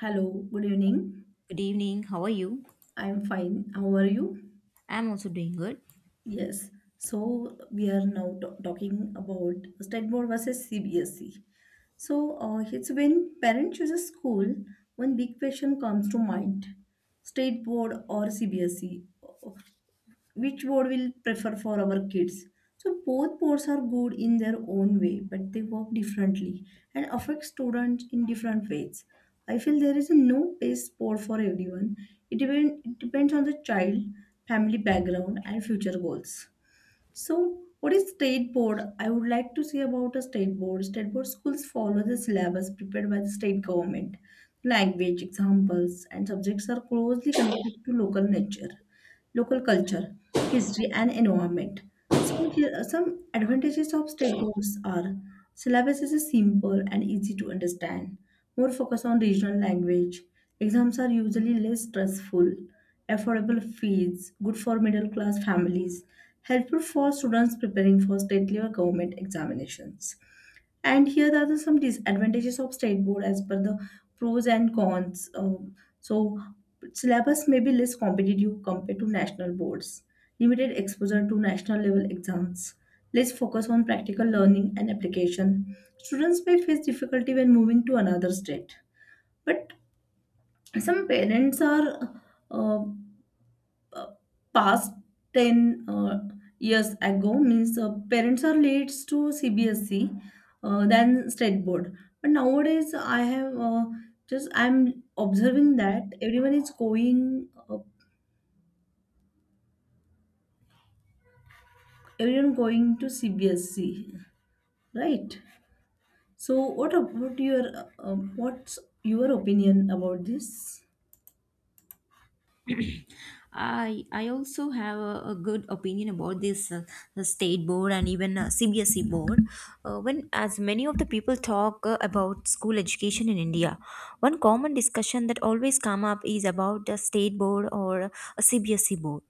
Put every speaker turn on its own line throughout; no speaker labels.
Hello, good evening.
Good evening. How are you?
I'm fine. How are you?
I'm also doing good.
Yes. So we are now talking about state board versus CBSE. It's when parent chooses school, one big question comes to mind: state board or CBSE? Which board will prefer for our kids. So both boards are good in their own way, but they work differently and affect students in different ways. I feel there is a no best board for everyone. It depends on the child, family background, and future goals. So, what is state board? I would like to say about a state board. State board schools follow the syllabus prepared by the state government. Language, examples, and subjects are closely connected to local nature, local culture, history, and environment. So, here are some advantages of state boards are syllabus is simple and easy to understand. More focus on regional language. Exams are usually less stressful, affordable fees, good for middle class families helpful for students preparing for state level government examinations. And here are some disadvantages of state board as per the pros and cons. So syllabus may be less competitive compared to national boards, limited exposure to national level exams, less focus on practical learning and application. Students may face difficulty when moving to another state. But some parents are uh, uh, past 10 years ago means parents are late to CBSE, than state board but nowadays I have just I'm observing that everyone going to CBSE, right. So what about your what's your opinion about this?
I also have a good opinion about this the state board and even CBSE board. When as many of the people talk about school education in India, one common discussion that always come up is about the state board or a CBSE board.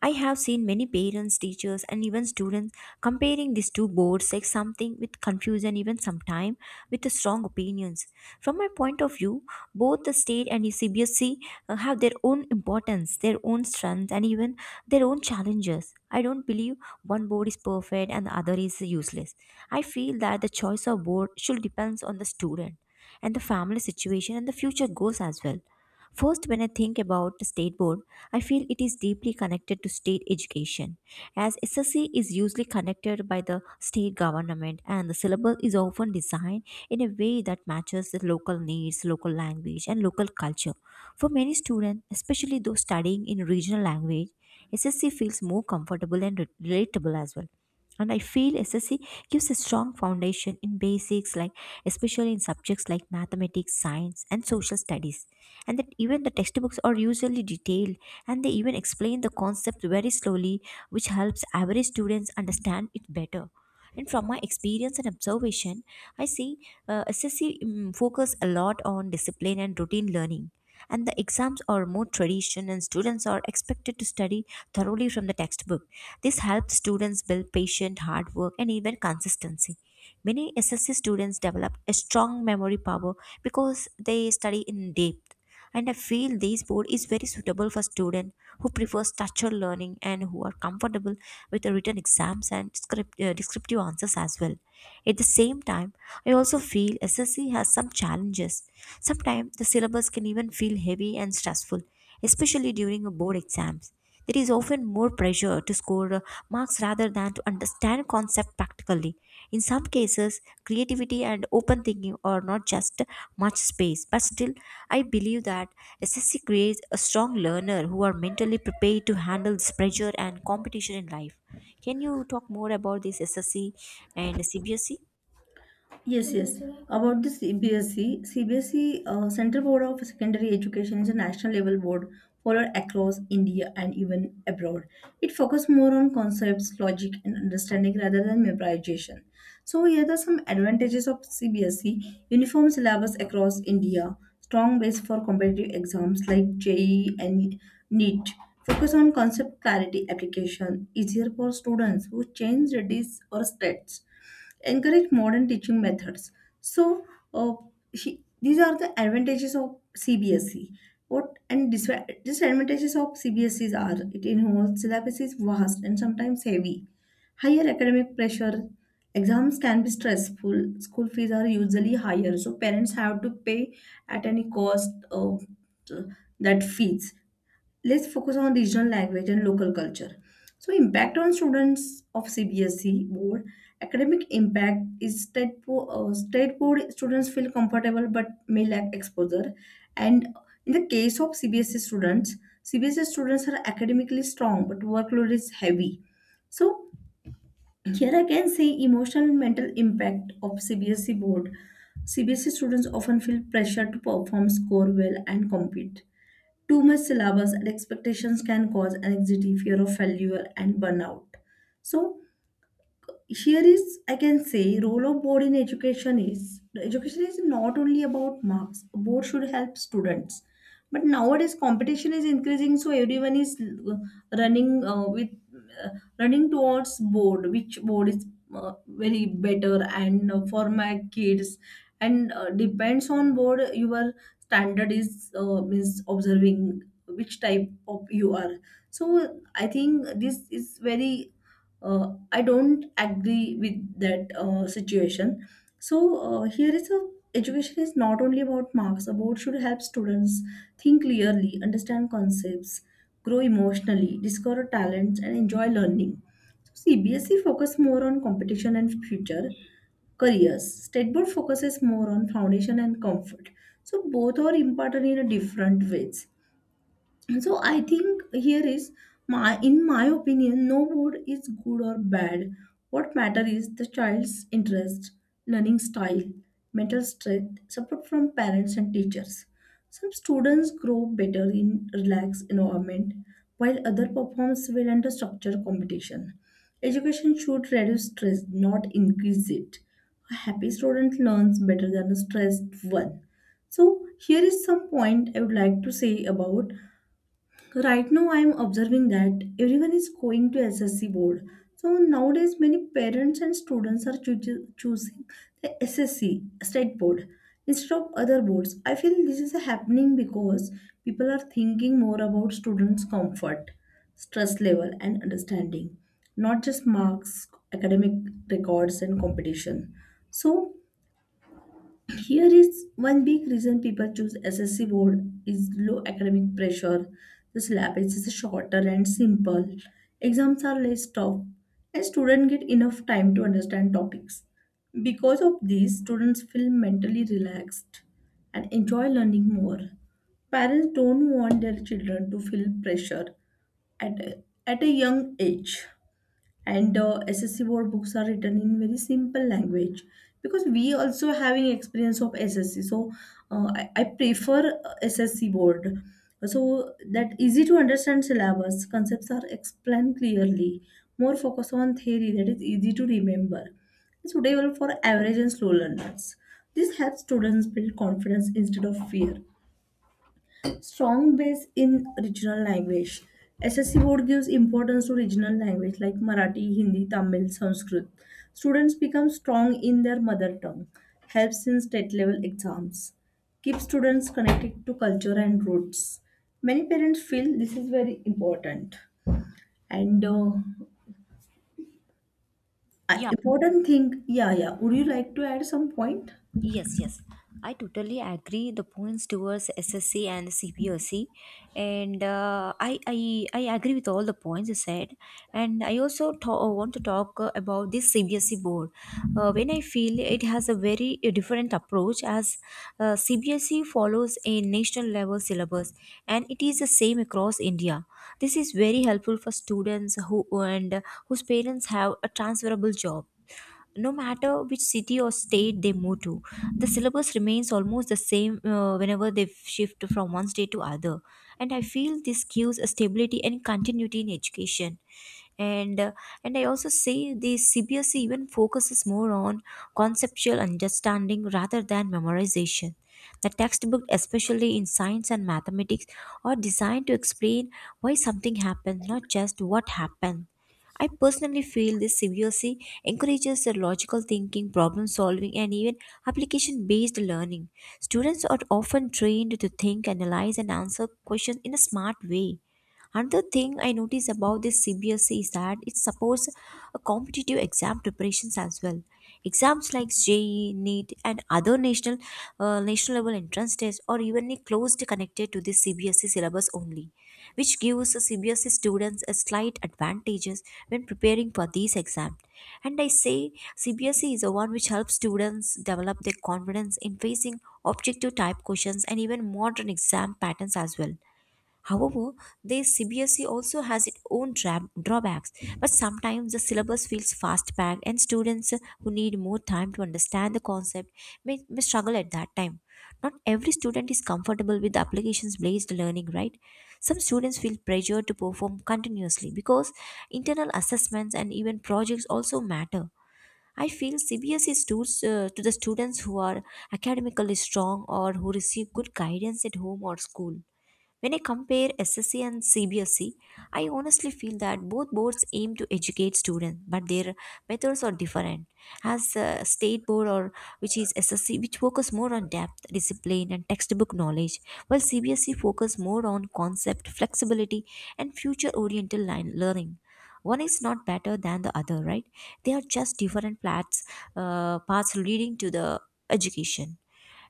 I have seen many parents, teachers, and even students comparing these two boards like something with confusion, even sometimes with the strong opinions. From my point of view, both the state and the CBSC have their own importance, their own strengths, and even their own challenges. I don't believe one board is perfect and the other is useless. I feel that the choice of board should depends on the student and the family situation and the future goals as well. First, when I think about the state board, I feel it is deeply connected to state education, as SSC is usually connected by the state government, and the syllabus is often designed in a way that matches the local needs, local language, and local culture. For many students, especially those studying in regional language, SSC feels more comfortable and relatable as well. And I feel SSC gives a strong foundation in basics, like especially in subjects like mathematics, science, and social studies, and that even the textbooks are usually detailed and they even explain the concept very slowly, which helps average students understand it better. And from my experience and observation, I see SSC focus a lot on discipline and routine learning, and the exams are more tradition and students are expected to study thoroughly from the textbook. This helps students build patient hard work and even consistency. Many SSC students develop a strong memory power because they study in depth, and I feel this board is very suitable for students who prefer structured learning and who are comfortable with the written exams and script, descriptive answers as well. At the same time, I also feel SSC has some challenges. Sometimes the syllabus can even feel heavy and stressful, especially during a board exams. There is often more pressure to score marks rather than to understand concept practically. In some cases, creativity and open thinking are not just much space, but still, I believe that SSC creates a strong learner who are mentally prepared to handle this pressure and competition in life. Can you talk more about this SSC and CBSE?
Yes, yes. About the CBSE, CBSE Central Board of Secondary Education is a national level board followed across India and even abroad. It focuses more on concepts, logic, and understanding rather than memorization. So here are some advantages of CBSE: uniform syllabus across India, strong base for competitive exams like JEE and NEET. Focus on concept clarity application, easier for students who change studies or states encourage modern teaching methods. So, uh, these are the advantages of CBSE. What and disadvantages of CBSEs are it involves syllabus is vast and sometimes heavy, higher academic pressure. Exams can be stressful. School fees are usually higher, so parents have to pay at any cost that fees let's focus on regional language and local culture. So impact on students of CBSE board academic impact is state board students feel comfortable but may lack exposure. And in the case of CBSE students, CBSE students are academically strong but workload is heavy. So here I can say emotional and mental impact of CBSE board. CBSE students often feel pressure to perform score well and compete. Too much syllabus and expectations can cause anxiety, fear of failure, and burnout. So, here is I can say role of board in education is not only about marks board should help students but nowadays competition is increasing so everyone is running uh, with uh, running towards board which board is very better and for my kids and depends on board your standard is means observing which type of you are. So I think this is very I don't agree with that situation. So here is a education is not only about marks about should help students think clearly understand concepts grow emotionally discover talents and enjoy learning. So CBSE focus more on competition and future careers state board focuses more on foundation and comfort. So both are important in a different ways. So I think here is my opinion no board is good or bad. What matter is the child's interest learning style mental strength support from parents and teachers. Some students grow better in relaxed environment while other performs well under structured competition. Education should reduce stress not increase it. A happy student learns better than a stressed one. So here is some point I would like to say about right now, I am observing that everyone is going to SSC board. So nowadays, many parents and students are choosing the SSC state board instead of other boards. I feel this is happening because people are thinking more about students' comfort, stress level, and understanding, not just marks, academic records, and competition. So here is one big reason people choose SSC board is low academic pressure. The syllabus is shorter and simple. Exams are less tough and students get enough time to understand topics. Because of this, students feel mentally relaxed and enjoy learning more. Parents don't want their children to feel pressure at a young age and SSC board books are written in very simple language because we also having experience of SSC so I prefer SSC board so that easy to understand syllabus concepts are explained clearly more focus on theory that is easy to remember. It's suitable for average and slow learners this helps students build confidence instead of fear strong base in regional language. SSC board gives importance to regional language like Marathi, Hindi, Tamil, Sanskrit. Students become strong in their mother tongue. Helps in state level exams. Keeps students connected to culture and roots. Many parents feel this is very important. And
Yeah,
important thing, yeah, yeah. Would you like to add some point?
yes, yes. I totally agree the points towards SSC and CPOC, and I agree with all the points you said, and I also want to talk about this CBSE board. When I feel it has a very different approach, as CBSE follows a national level syllabus and it is the same across India. This is very helpful for students whose parents have a transferable job. No matter which city or state they move to, the syllabus remains almost the same whenever they shift from one state to other, and I feel this gives a stability and continuity in education. And uh, and I also say the CBSE even focuses more on conceptual understanding rather than memorization. The textbook, especially in science and mathematics, are designed to explain why something happened, not just what happened. I personally feel this CBSE encourages the logical thinking, problem solving, and even application based learning. Students are often trained to think, analyze, and answer questions in a smart way. Another thing I notice about this CBSE is that it supports a competitive exam preparations as well. Exams like JEE, NEET, and other national level entrance tests are evenly closely connected to the CBSE syllabus only, which gives the CBSE students a slight advantages when preparing for these exams. And I say CBSE is the one which helps students develop their confidence in facing objective type questions and even modern exam patterns as well. However, the CBSE also has its own drawbacks, but sometimes the syllabus feels fast packed, and students who need more time to understand the concept may struggle at that time. Not every student is comfortable with the applications based learning, right? Some students feel pressured to perform continuously because internal assessments and even projects also matter. I feel CBSE tutors to the students who are academically strong or who receive good guidance at home or school. When I compare SSC and CBSE, I honestly feel that both boards aim to educate students, but their methods are different. As a state board, or which is SSC, which focus more on depth, discipline, and textbook knowledge, while CBSE focus more on concept, flexibility, and future-oriented line learning. One is not better than the other, right? They are just different paths, paths leading to the education.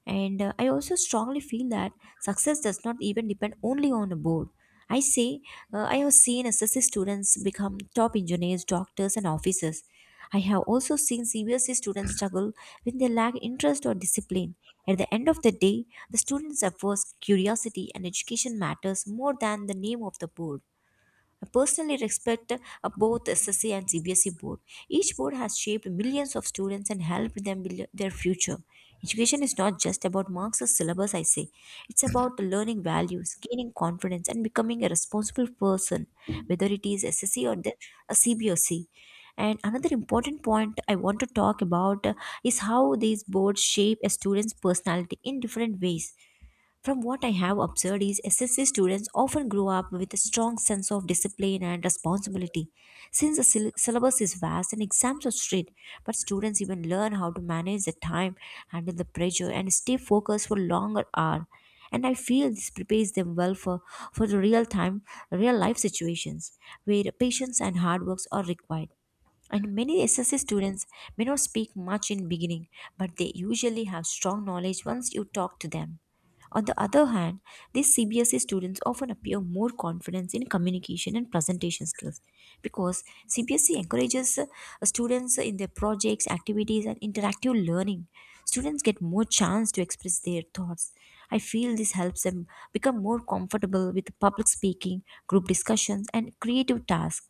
And I also strongly feel that success does not even depend only on a board. I say, I have seen SSC students become top engineers, doctors, and officers. I have also seen CBSE students struggle when they lack interest or discipline. At the end of the day, the students' efforts, curiosity, and education matters more than the name of the board. I personally respect both SSC and CBSE board. Each board has shaped millions of students and helped them build their future. Education is not just about marks or syllabus, I say. It's about learning values, gaining confidence, and becoming a responsible person, whether it is SSC or a CBSE. And another important point I want to talk about, is how these boards shape a student's personality in different ways. From what I have observed is SSC students often grow up with a strong sense of discipline and responsibility. Since the syllabus is vast and exams are strict, but students even learn how to manage the time, handle the pressure, and stay focused for longer hours. And I feel this prepares them well for the real time, real life situations where patience and hard works are required. And many SSC students may not speak much in beginning, but they usually have strong knowledge once you talk to them. On the other hand, these CBSE students often appear more confident in communication and presentation skills because CBSE encourages students in their projects, activities, and interactive learning. Students get more chance to express their thoughts. I feel this helps them become more comfortable with public speaking, group discussions, and creative tasks.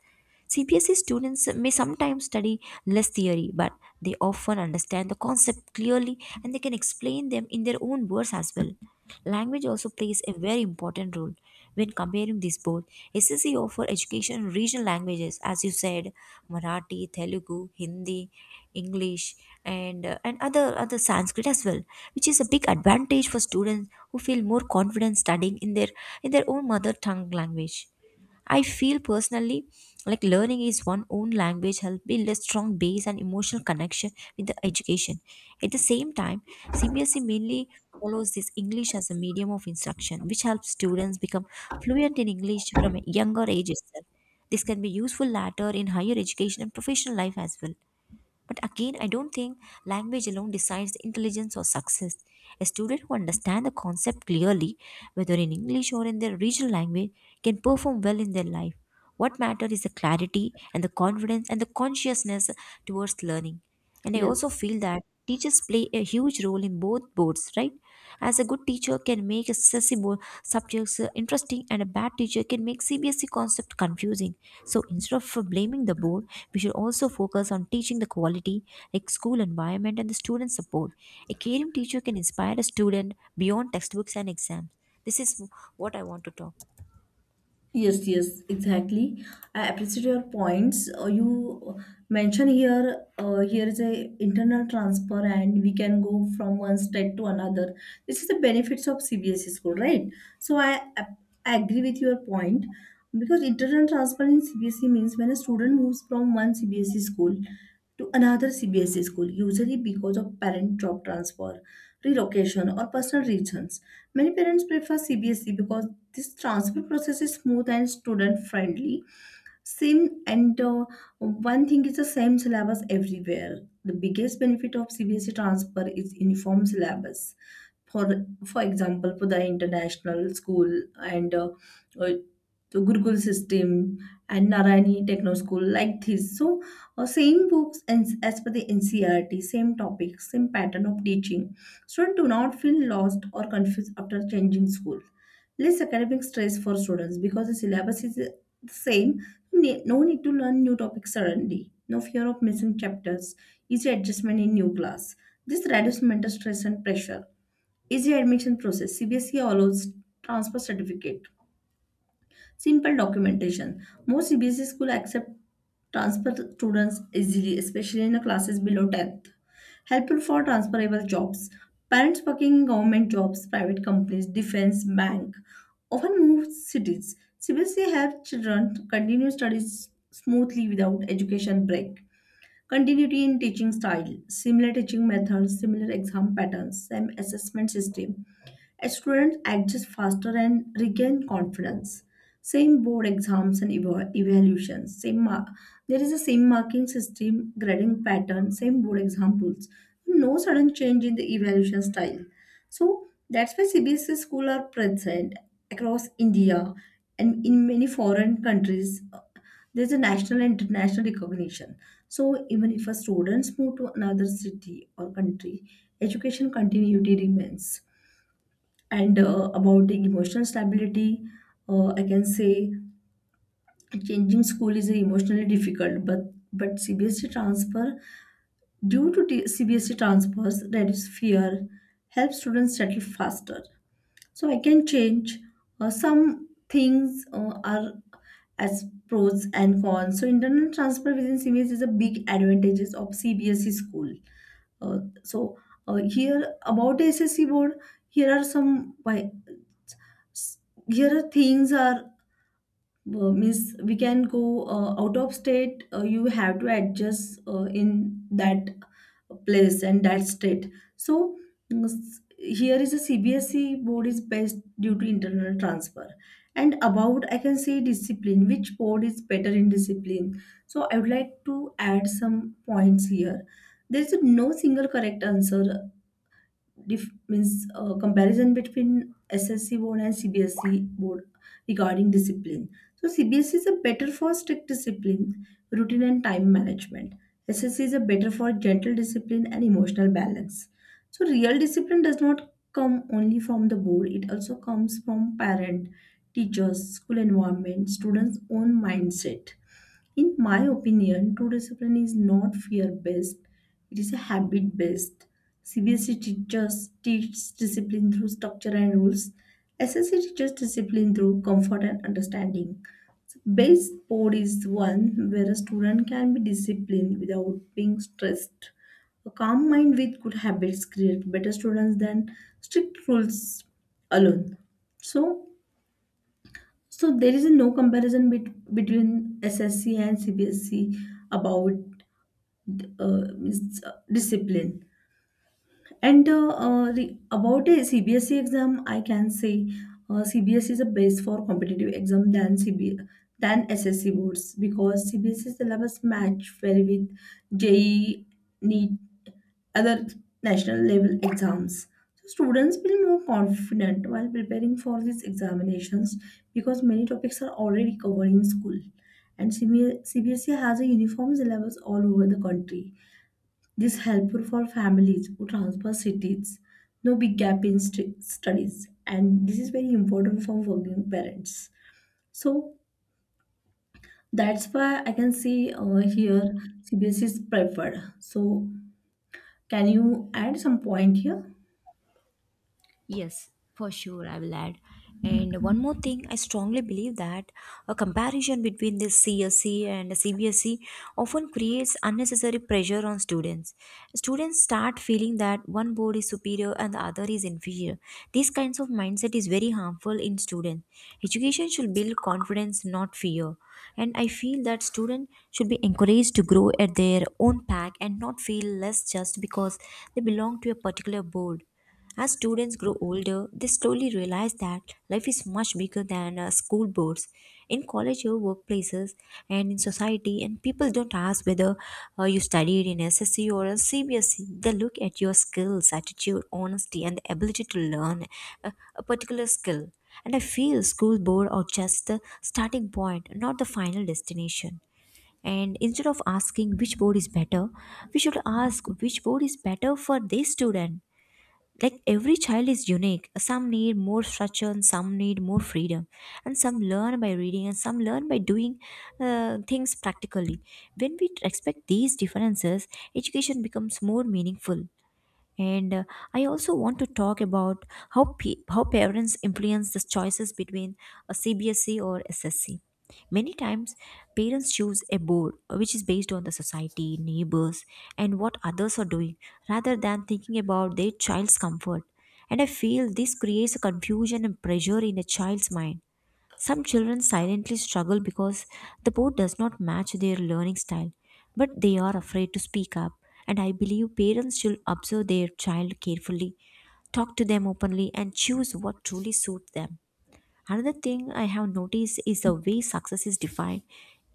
CBSE students may sometimes study less theory, but they often understand the concept clearly and they can explain them in their own words as well. Language also plays a very important role when comparing these both. SSE offer education in regional languages, as you said, Marathi, Telugu, Hindi, English, and and other Sanskrit as well, which is a big advantage for students who feel more confident studying in their own mother tongue language. I feel personally like learning is one own language help build a strong base and emotional connection with the education. At the same time, CBSE mainly follows this English as a medium of instruction, which helps students become fluent in English from a younger age itself. This can be useful later in higher education and professional life as well. But again, I don't think language alone decides intelligence or success. A student who understands the concept clearly, whether in English or in their regional language, can perform well in their life. What matters is the clarity and the confidence and the consciousness towards learning. And I also
Yes.
feel that teachers play a huge role in both boards, right? As a good teacher can make accessible subjects interesting, and a bad teacher can make CBSE concept confusing. So instead of blaming the board, we should also focus on teaching the quality, like school environment and the student support. A caring teacher can inspire a student beyond textbooks and exams. This is what I want to talk.
Yes, yes, exactly. I appreciate your points. You mentioned here, here is a internal transfer, and we can go from one state to another. This is the benefits of CBSE school, right? So I, ap- I agree with your point because internal transfer in CBSE means when a student moves from one CBSE school to another CBSE school, usually because of parent job transfer, relocation, or personal reasons. Many parents prefer CBSE because this transfer process is smooth and student friendly same and one thing is the same syllabus everywhere. The biggest benefit of CBSE transfer is uniform syllabus for for example for the international school and uh, the gurukul system and narayani techno school like this so same books and as per the ncrt same topics, same pattern of teaching students do not feel lost or confused after changing school less academic stress for students because the syllabus is the same. No need to learn new topics suddenly no fear of missing chapters easy adjustment in new class. This reduces mental stress and pressure. Easy admission process. CBSE allows transfer certificate. Simple documentation. Most CBSE schools accept transfer students easily, especially in the classes below 10th. Helpful for transferable jobs. Parents working in government jobs, private companies, defense, bank often move cities. CBSE helps children continue studies smoothly without education break. Continuity in teaching style, similar teaching methods, similar exam patterns, same assessment system. Students adjust faster and regain confidence. Same board exams and evaluations, same mark. There is a same marking system, grading pattern, same board exam rules. No sudden change in the evaluation style. So that's why CBSE schools are present across India and in many foreign countries. There's a national and international recognition. So even if a students move to another city or country, education continuity remains. And about the emotional stability, I can say changing school is emotionally difficult, but CBSE transfer CBSE transfers that is fear, helps students settle faster. So I can change some things are as pros and cons. So internal transfer within CBSE is a big advantages of CBSE school. Uh, so here about the SSC board, here are some s- here are things are means we can go out of state you have to adjust in that place and that state so here is a CBSE board is best due to internal transfer. And about I can say discipline which board is better in discipline so I would like to add some points here. There is no single correct answer dif- means comparison between SSC board and CBSE board regarding discipline. So CBSE is a better for strict discipline, routine and time management. SSC is a better for gentle discipline and emotional balance. So real discipline does not come only from the board; it also comes from parent, teachers, school environment, students' own mindset. In my opinion, true discipline is not fear based, it is a habit based. CBSE teachers teach discipline through structure and rules. SSE teaches discipline through comfort and understanding. Base board is one where a student can be disciplined without being stressed. A calm mind with good habits create better students than strict rules alone. So, there is no comparison between SSC and CBSC about discipline. And about a CBSE exam, I can say CBSE is a base for competitive exam than SSC boards because CBSE syllabus match well with JEE, NEET, other national level exams. So students feel more confident while preparing for these examinations because many topics are already covered in school. And CBSE has a uniform syllabus all over the country this helpful for families who transfer cities, no big gap in studies, and this is very important for working parents. So that's why I can see here CBS is preferred. So can you add some point here?
Yes, for sure, I will add. And one more thing, I strongly believe that a comparison between the CSE and the CBSE often creates unnecessary pressure on students. Students start feeling that one board is superior and the other is inferior. These kinds of mindset is very harmful in students. Education should build confidence, not fear. And I feel that students should be encouraged to grow at their own pack and not feel less just because they belong to a particular board. As students grow older, they slowly realize that life is much bigger than school boards. In college or workplaces and in society, and people don't ask whether you studied in SSC or a CBSE. They look at your skills, attitude, honesty, and the ability to learn a particular skill. And I feel school board are just the starting point, not the final destination. And instead of asking which board is better, we should ask which board is better for this student. Like every child is unique, some need more structure and some need more freedom, and some learn by reading and some learn by doing things practically. When we respect these differences, education becomes more meaningful. And uh, i also want to talk about how parents influence the choices between a CBSE or SSC. Many times parents choose a board which is based on the society, neighbors, and what others are doing rather than thinking about their child's comfort. And I feel this creates a confusion and pressure in a child's mind. Some children silently struggle because the board does not match their learning style, but they are afraid to speak up. And I believe parents should observe their child carefully, talk to them openly, and choose what truly suits them. Another thing I have noticed is the way success is defined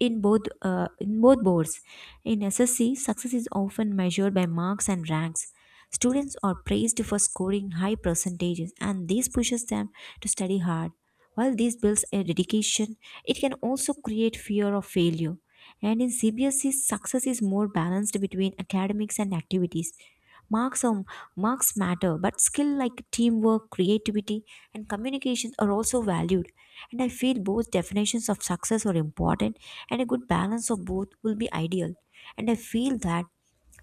in both boards. In SSC, success is often measured by marks and ranks. Students are praised for scoring high percentages, and this pushes them to study hard. While this builds a dedication, it can also create fear of failure. And in CBSE, success is more balanced between academics and activities. Marks are Marks matter, but skill like teamwork, creativity, and communication are also valued. And I feel both definitions of success are important, and a good balance of both will be ideal. And I feel that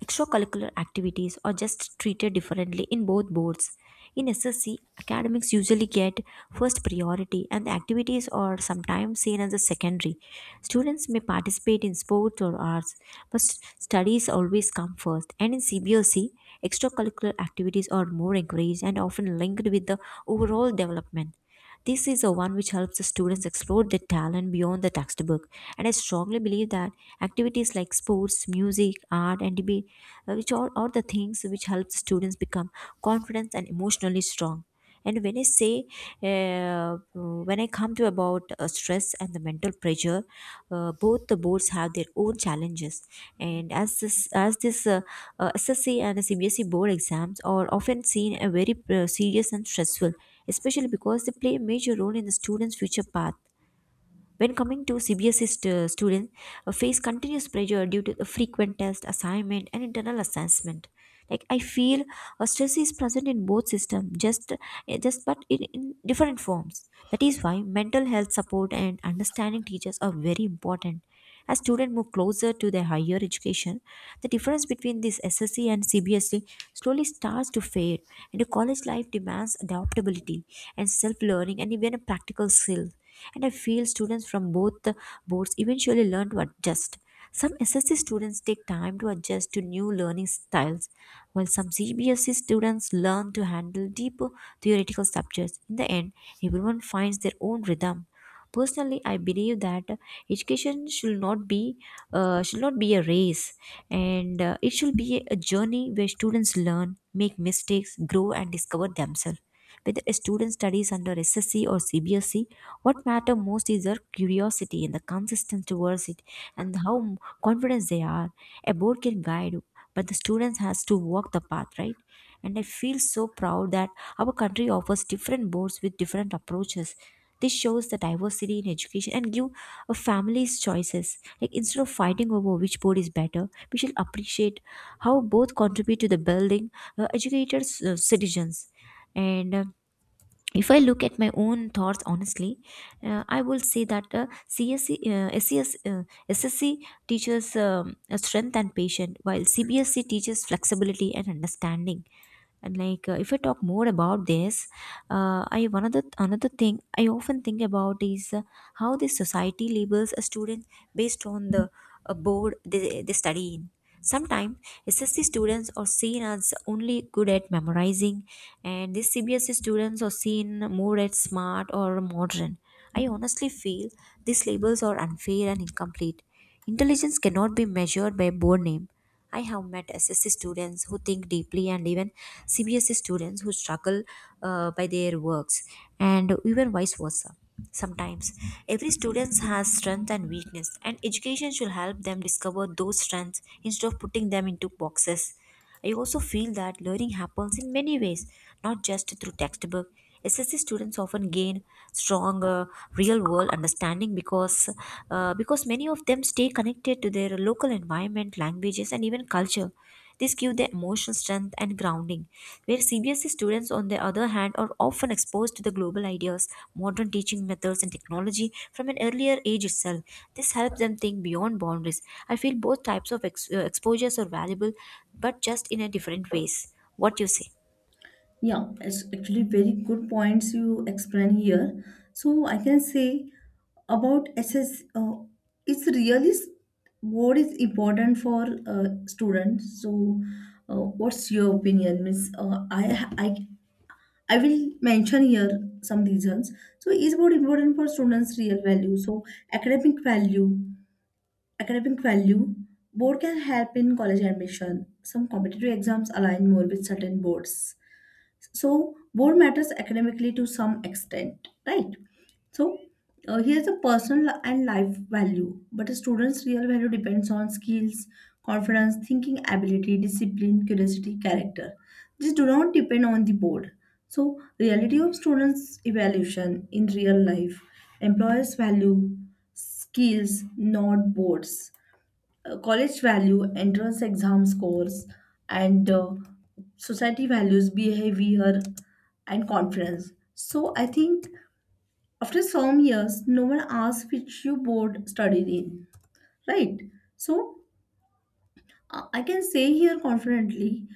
extracurricular activities are just treated differently in both boards. In SSC, academics usually get first priority and the activities are sometimes seen as a secondary. Students may participate in sports or arts, but studies always come first. And in CBOC, extracurricular activities are more encouraged and often linked with the overall development. This is the one which helps the students explore their talent beyond the textbook. And I strongly believe that activities like sports, music, art, and debate, which are the things which help students become confident and emotionally strong. And when i say uh, when i come to about stress and the mental pressure, both the boards have their own challenges, and as this SSC and CBSE board exams are often seen a very serious and stressful, especially because they play a major role in the student's future path. When coming to CBSE students, face continuous pressure due to the frequent test, assignment, and internal assessment. Like I feel, stress is present in both systems, just but in different forms. That is why mental health support and understanding teachers are very important. As students move closer to their higher education, the difference between this SSC and CBSE slowly starts to fade, and the college life demands adaptability and self-learning and even a practical skill. And I feel students from both the boards eventually learn to adjust. Some SSC students take time to adjust to new learning styles, while some CBSE students learn to handle deeper theoretical subjects. In the end, everyone finds their own rhythm. Personally, I believe that education should not be, should not be a race, and it should be a journey where students learn, make mistakes, grow, and discover themselves. Whether a student studies under SSC or CBSE, what matter most is their curiosity and the consistency towards it, and how confident they are. A board can guide, but the students has to walk the path, right? And I feel so proud that our country offers different boards with different approaches. This shows the diversity in education and give a families choices. Like, instead of fighting over which board is better, we should appreciate how both contribute to the building educated citizens. And if I look at my own thoughts honestly, I will say that uh, CSE, uh, SES, uh, SSC teaches strength and patience, while CBSC teaches flexibility and understanding. And if I talk more about this, I one other another thing I often think about is how the society labels a student based on the board they study in. Sometimes SSC students are seen as only good at memorizing, and these CBSC students are seen more as smart or modern. I honestly feel these labels are unfair and incomplete. Intelligence cannot be measured by a board name. I have met SSC students who think deeply and even CBSE students who struggle by their works, and even vice versa. Sometimes every student has strength and weakness, and education should help them discover those strengths instead of putting them into boxes. I also feel that learning happens in many ways, not just through textbook. SSC students often gain stronger real-world understanding because many of them stay connected to their local environment, languages, and even culture. This gives them emotional strength, warmth, and grounding, where CBSE students, on the other hand, are often exposed to the global ideas, modern teaching methods, and technology from an earlier age itself. This helps them think beyond boundaries. I feel both types of exposures are valuable, but just in a different ways. What you say?
Yeah, it's actually very good points you explain here. So I can say about it's really what is important for students. So, what's your opinion? Means, I will mention here some reasons. So, is what important for students' real value? So, academic value, academic value. Board can help in college admission. Some competitive exams align more with certain boards so, board matters academically to some extent, right? So, here's a personal and life value, but a student's real value depends on skills, confidence, thinking ability, discipline, curiosity, character. These do not depend on the board. So, reality of students' evaluation in real life, employers value skills, not boards. College value entrance exam scores and society values behavior and confidence. So I think after some years no one asks which you board studied in, right? So I can say here confidently,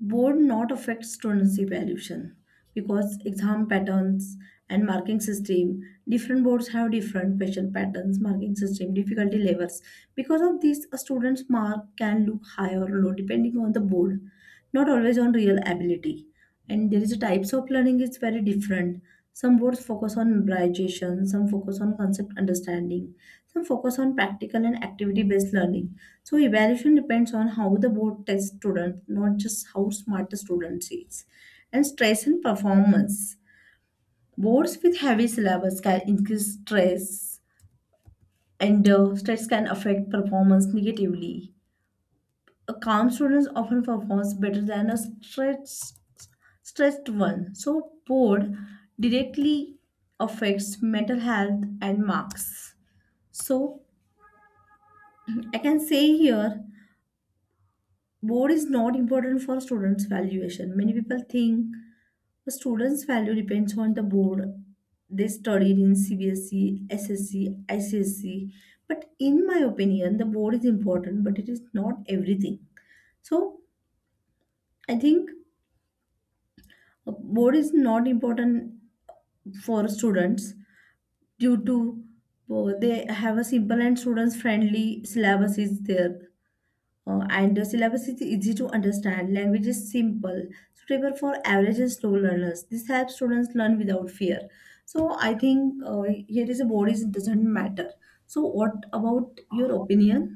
board not affect students' evaluation because exam patterns and marking system, different boards have different question patterns, marking system, difficulty levels. Because of this, a student's mark can look high or low depending on the board, not always on real ability and there is types of learning is very different. Some boards focus on memorization some focus on concept understanding some focus on practical and activity based learning. So evaluation depends on how the board tests students, not just how smart the student is and stress and performance boards with heavy syllabus can increase stress and stress can affect performance negatively. A calm student often performs better than a stressed one. So board directly affects mental health and marks. So I can say here board is not important for students' valuation. Many people think the students' value depends on the board. They studied in CBSE, SSC, ICSE. But in my opinion, the board is important, but it is not everything. So I think a board is not important for students due to oh, they have a simple and students friendly syllabus is there and the syllabus is easy to understand language is simple suitable for average and slow learners this helps students learn without fear. So I think here is a board is doesn't matter. So what about your opinion?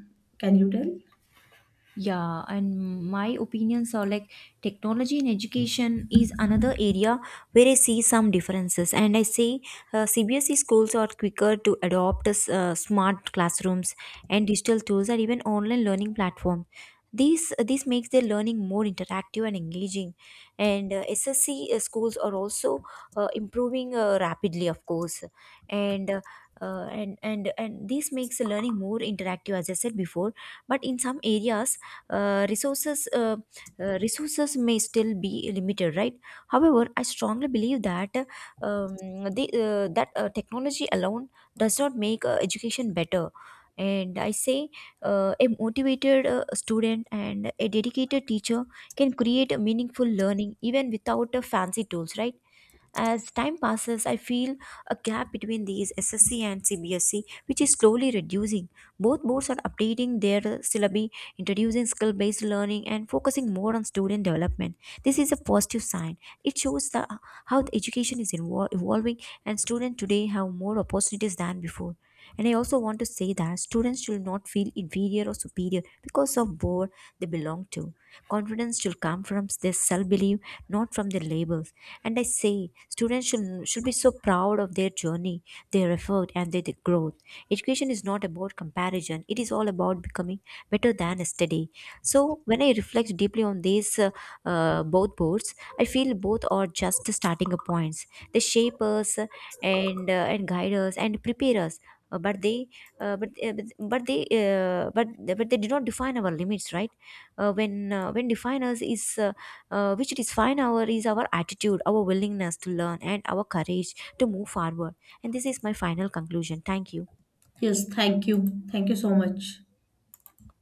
Can you tell?
Yeah, and my opinions are like, technology in education is another area where I see some differences. And I say CBSE schools are quicker to adopt smart classrooms and digital tools and even online learning platform. These this makes their learning more interactive and engaging. And SSC schools are also improving rapidly, of course. And uh, and this makes the learning more interactive, as I said before. But in some areas uh, resources uh, resources may still be limited, right? However, I strongly believe that um, technology alone does not make education better. And I say a motivated student and a dedicated teacher can create a meaningful learning even without fancy tools, right? As time passes, I feel a gap between these SSC and CBSC, which is slowly reducing. Both boards are updating their syllabi, introducing skill based learning, and focusing more on student development. This is a positive sign. It shows how the education is evolving, and students today have more opportunities than before. And I also want to say that students should not feel inferior or superior because of board they belong to. Confidence should come from their self belief, not from their labels. And I say students should be so proud of their journey, their effort, and their growth. Education is not about comparison, it is all about becoming better than yesterday. So, when I reflect deeply on these both boards, I feel both are just the starting points. They shape us and guide us and prepare us. Uh, but they uh, but, uh, but but they uh, but but they do not define our limits, right? When definers is which define our is our attitude, our willingness to learn, and our courage to move forward. And this is my final conclusion. Thank you.
Yes, thank you. Thank you so much.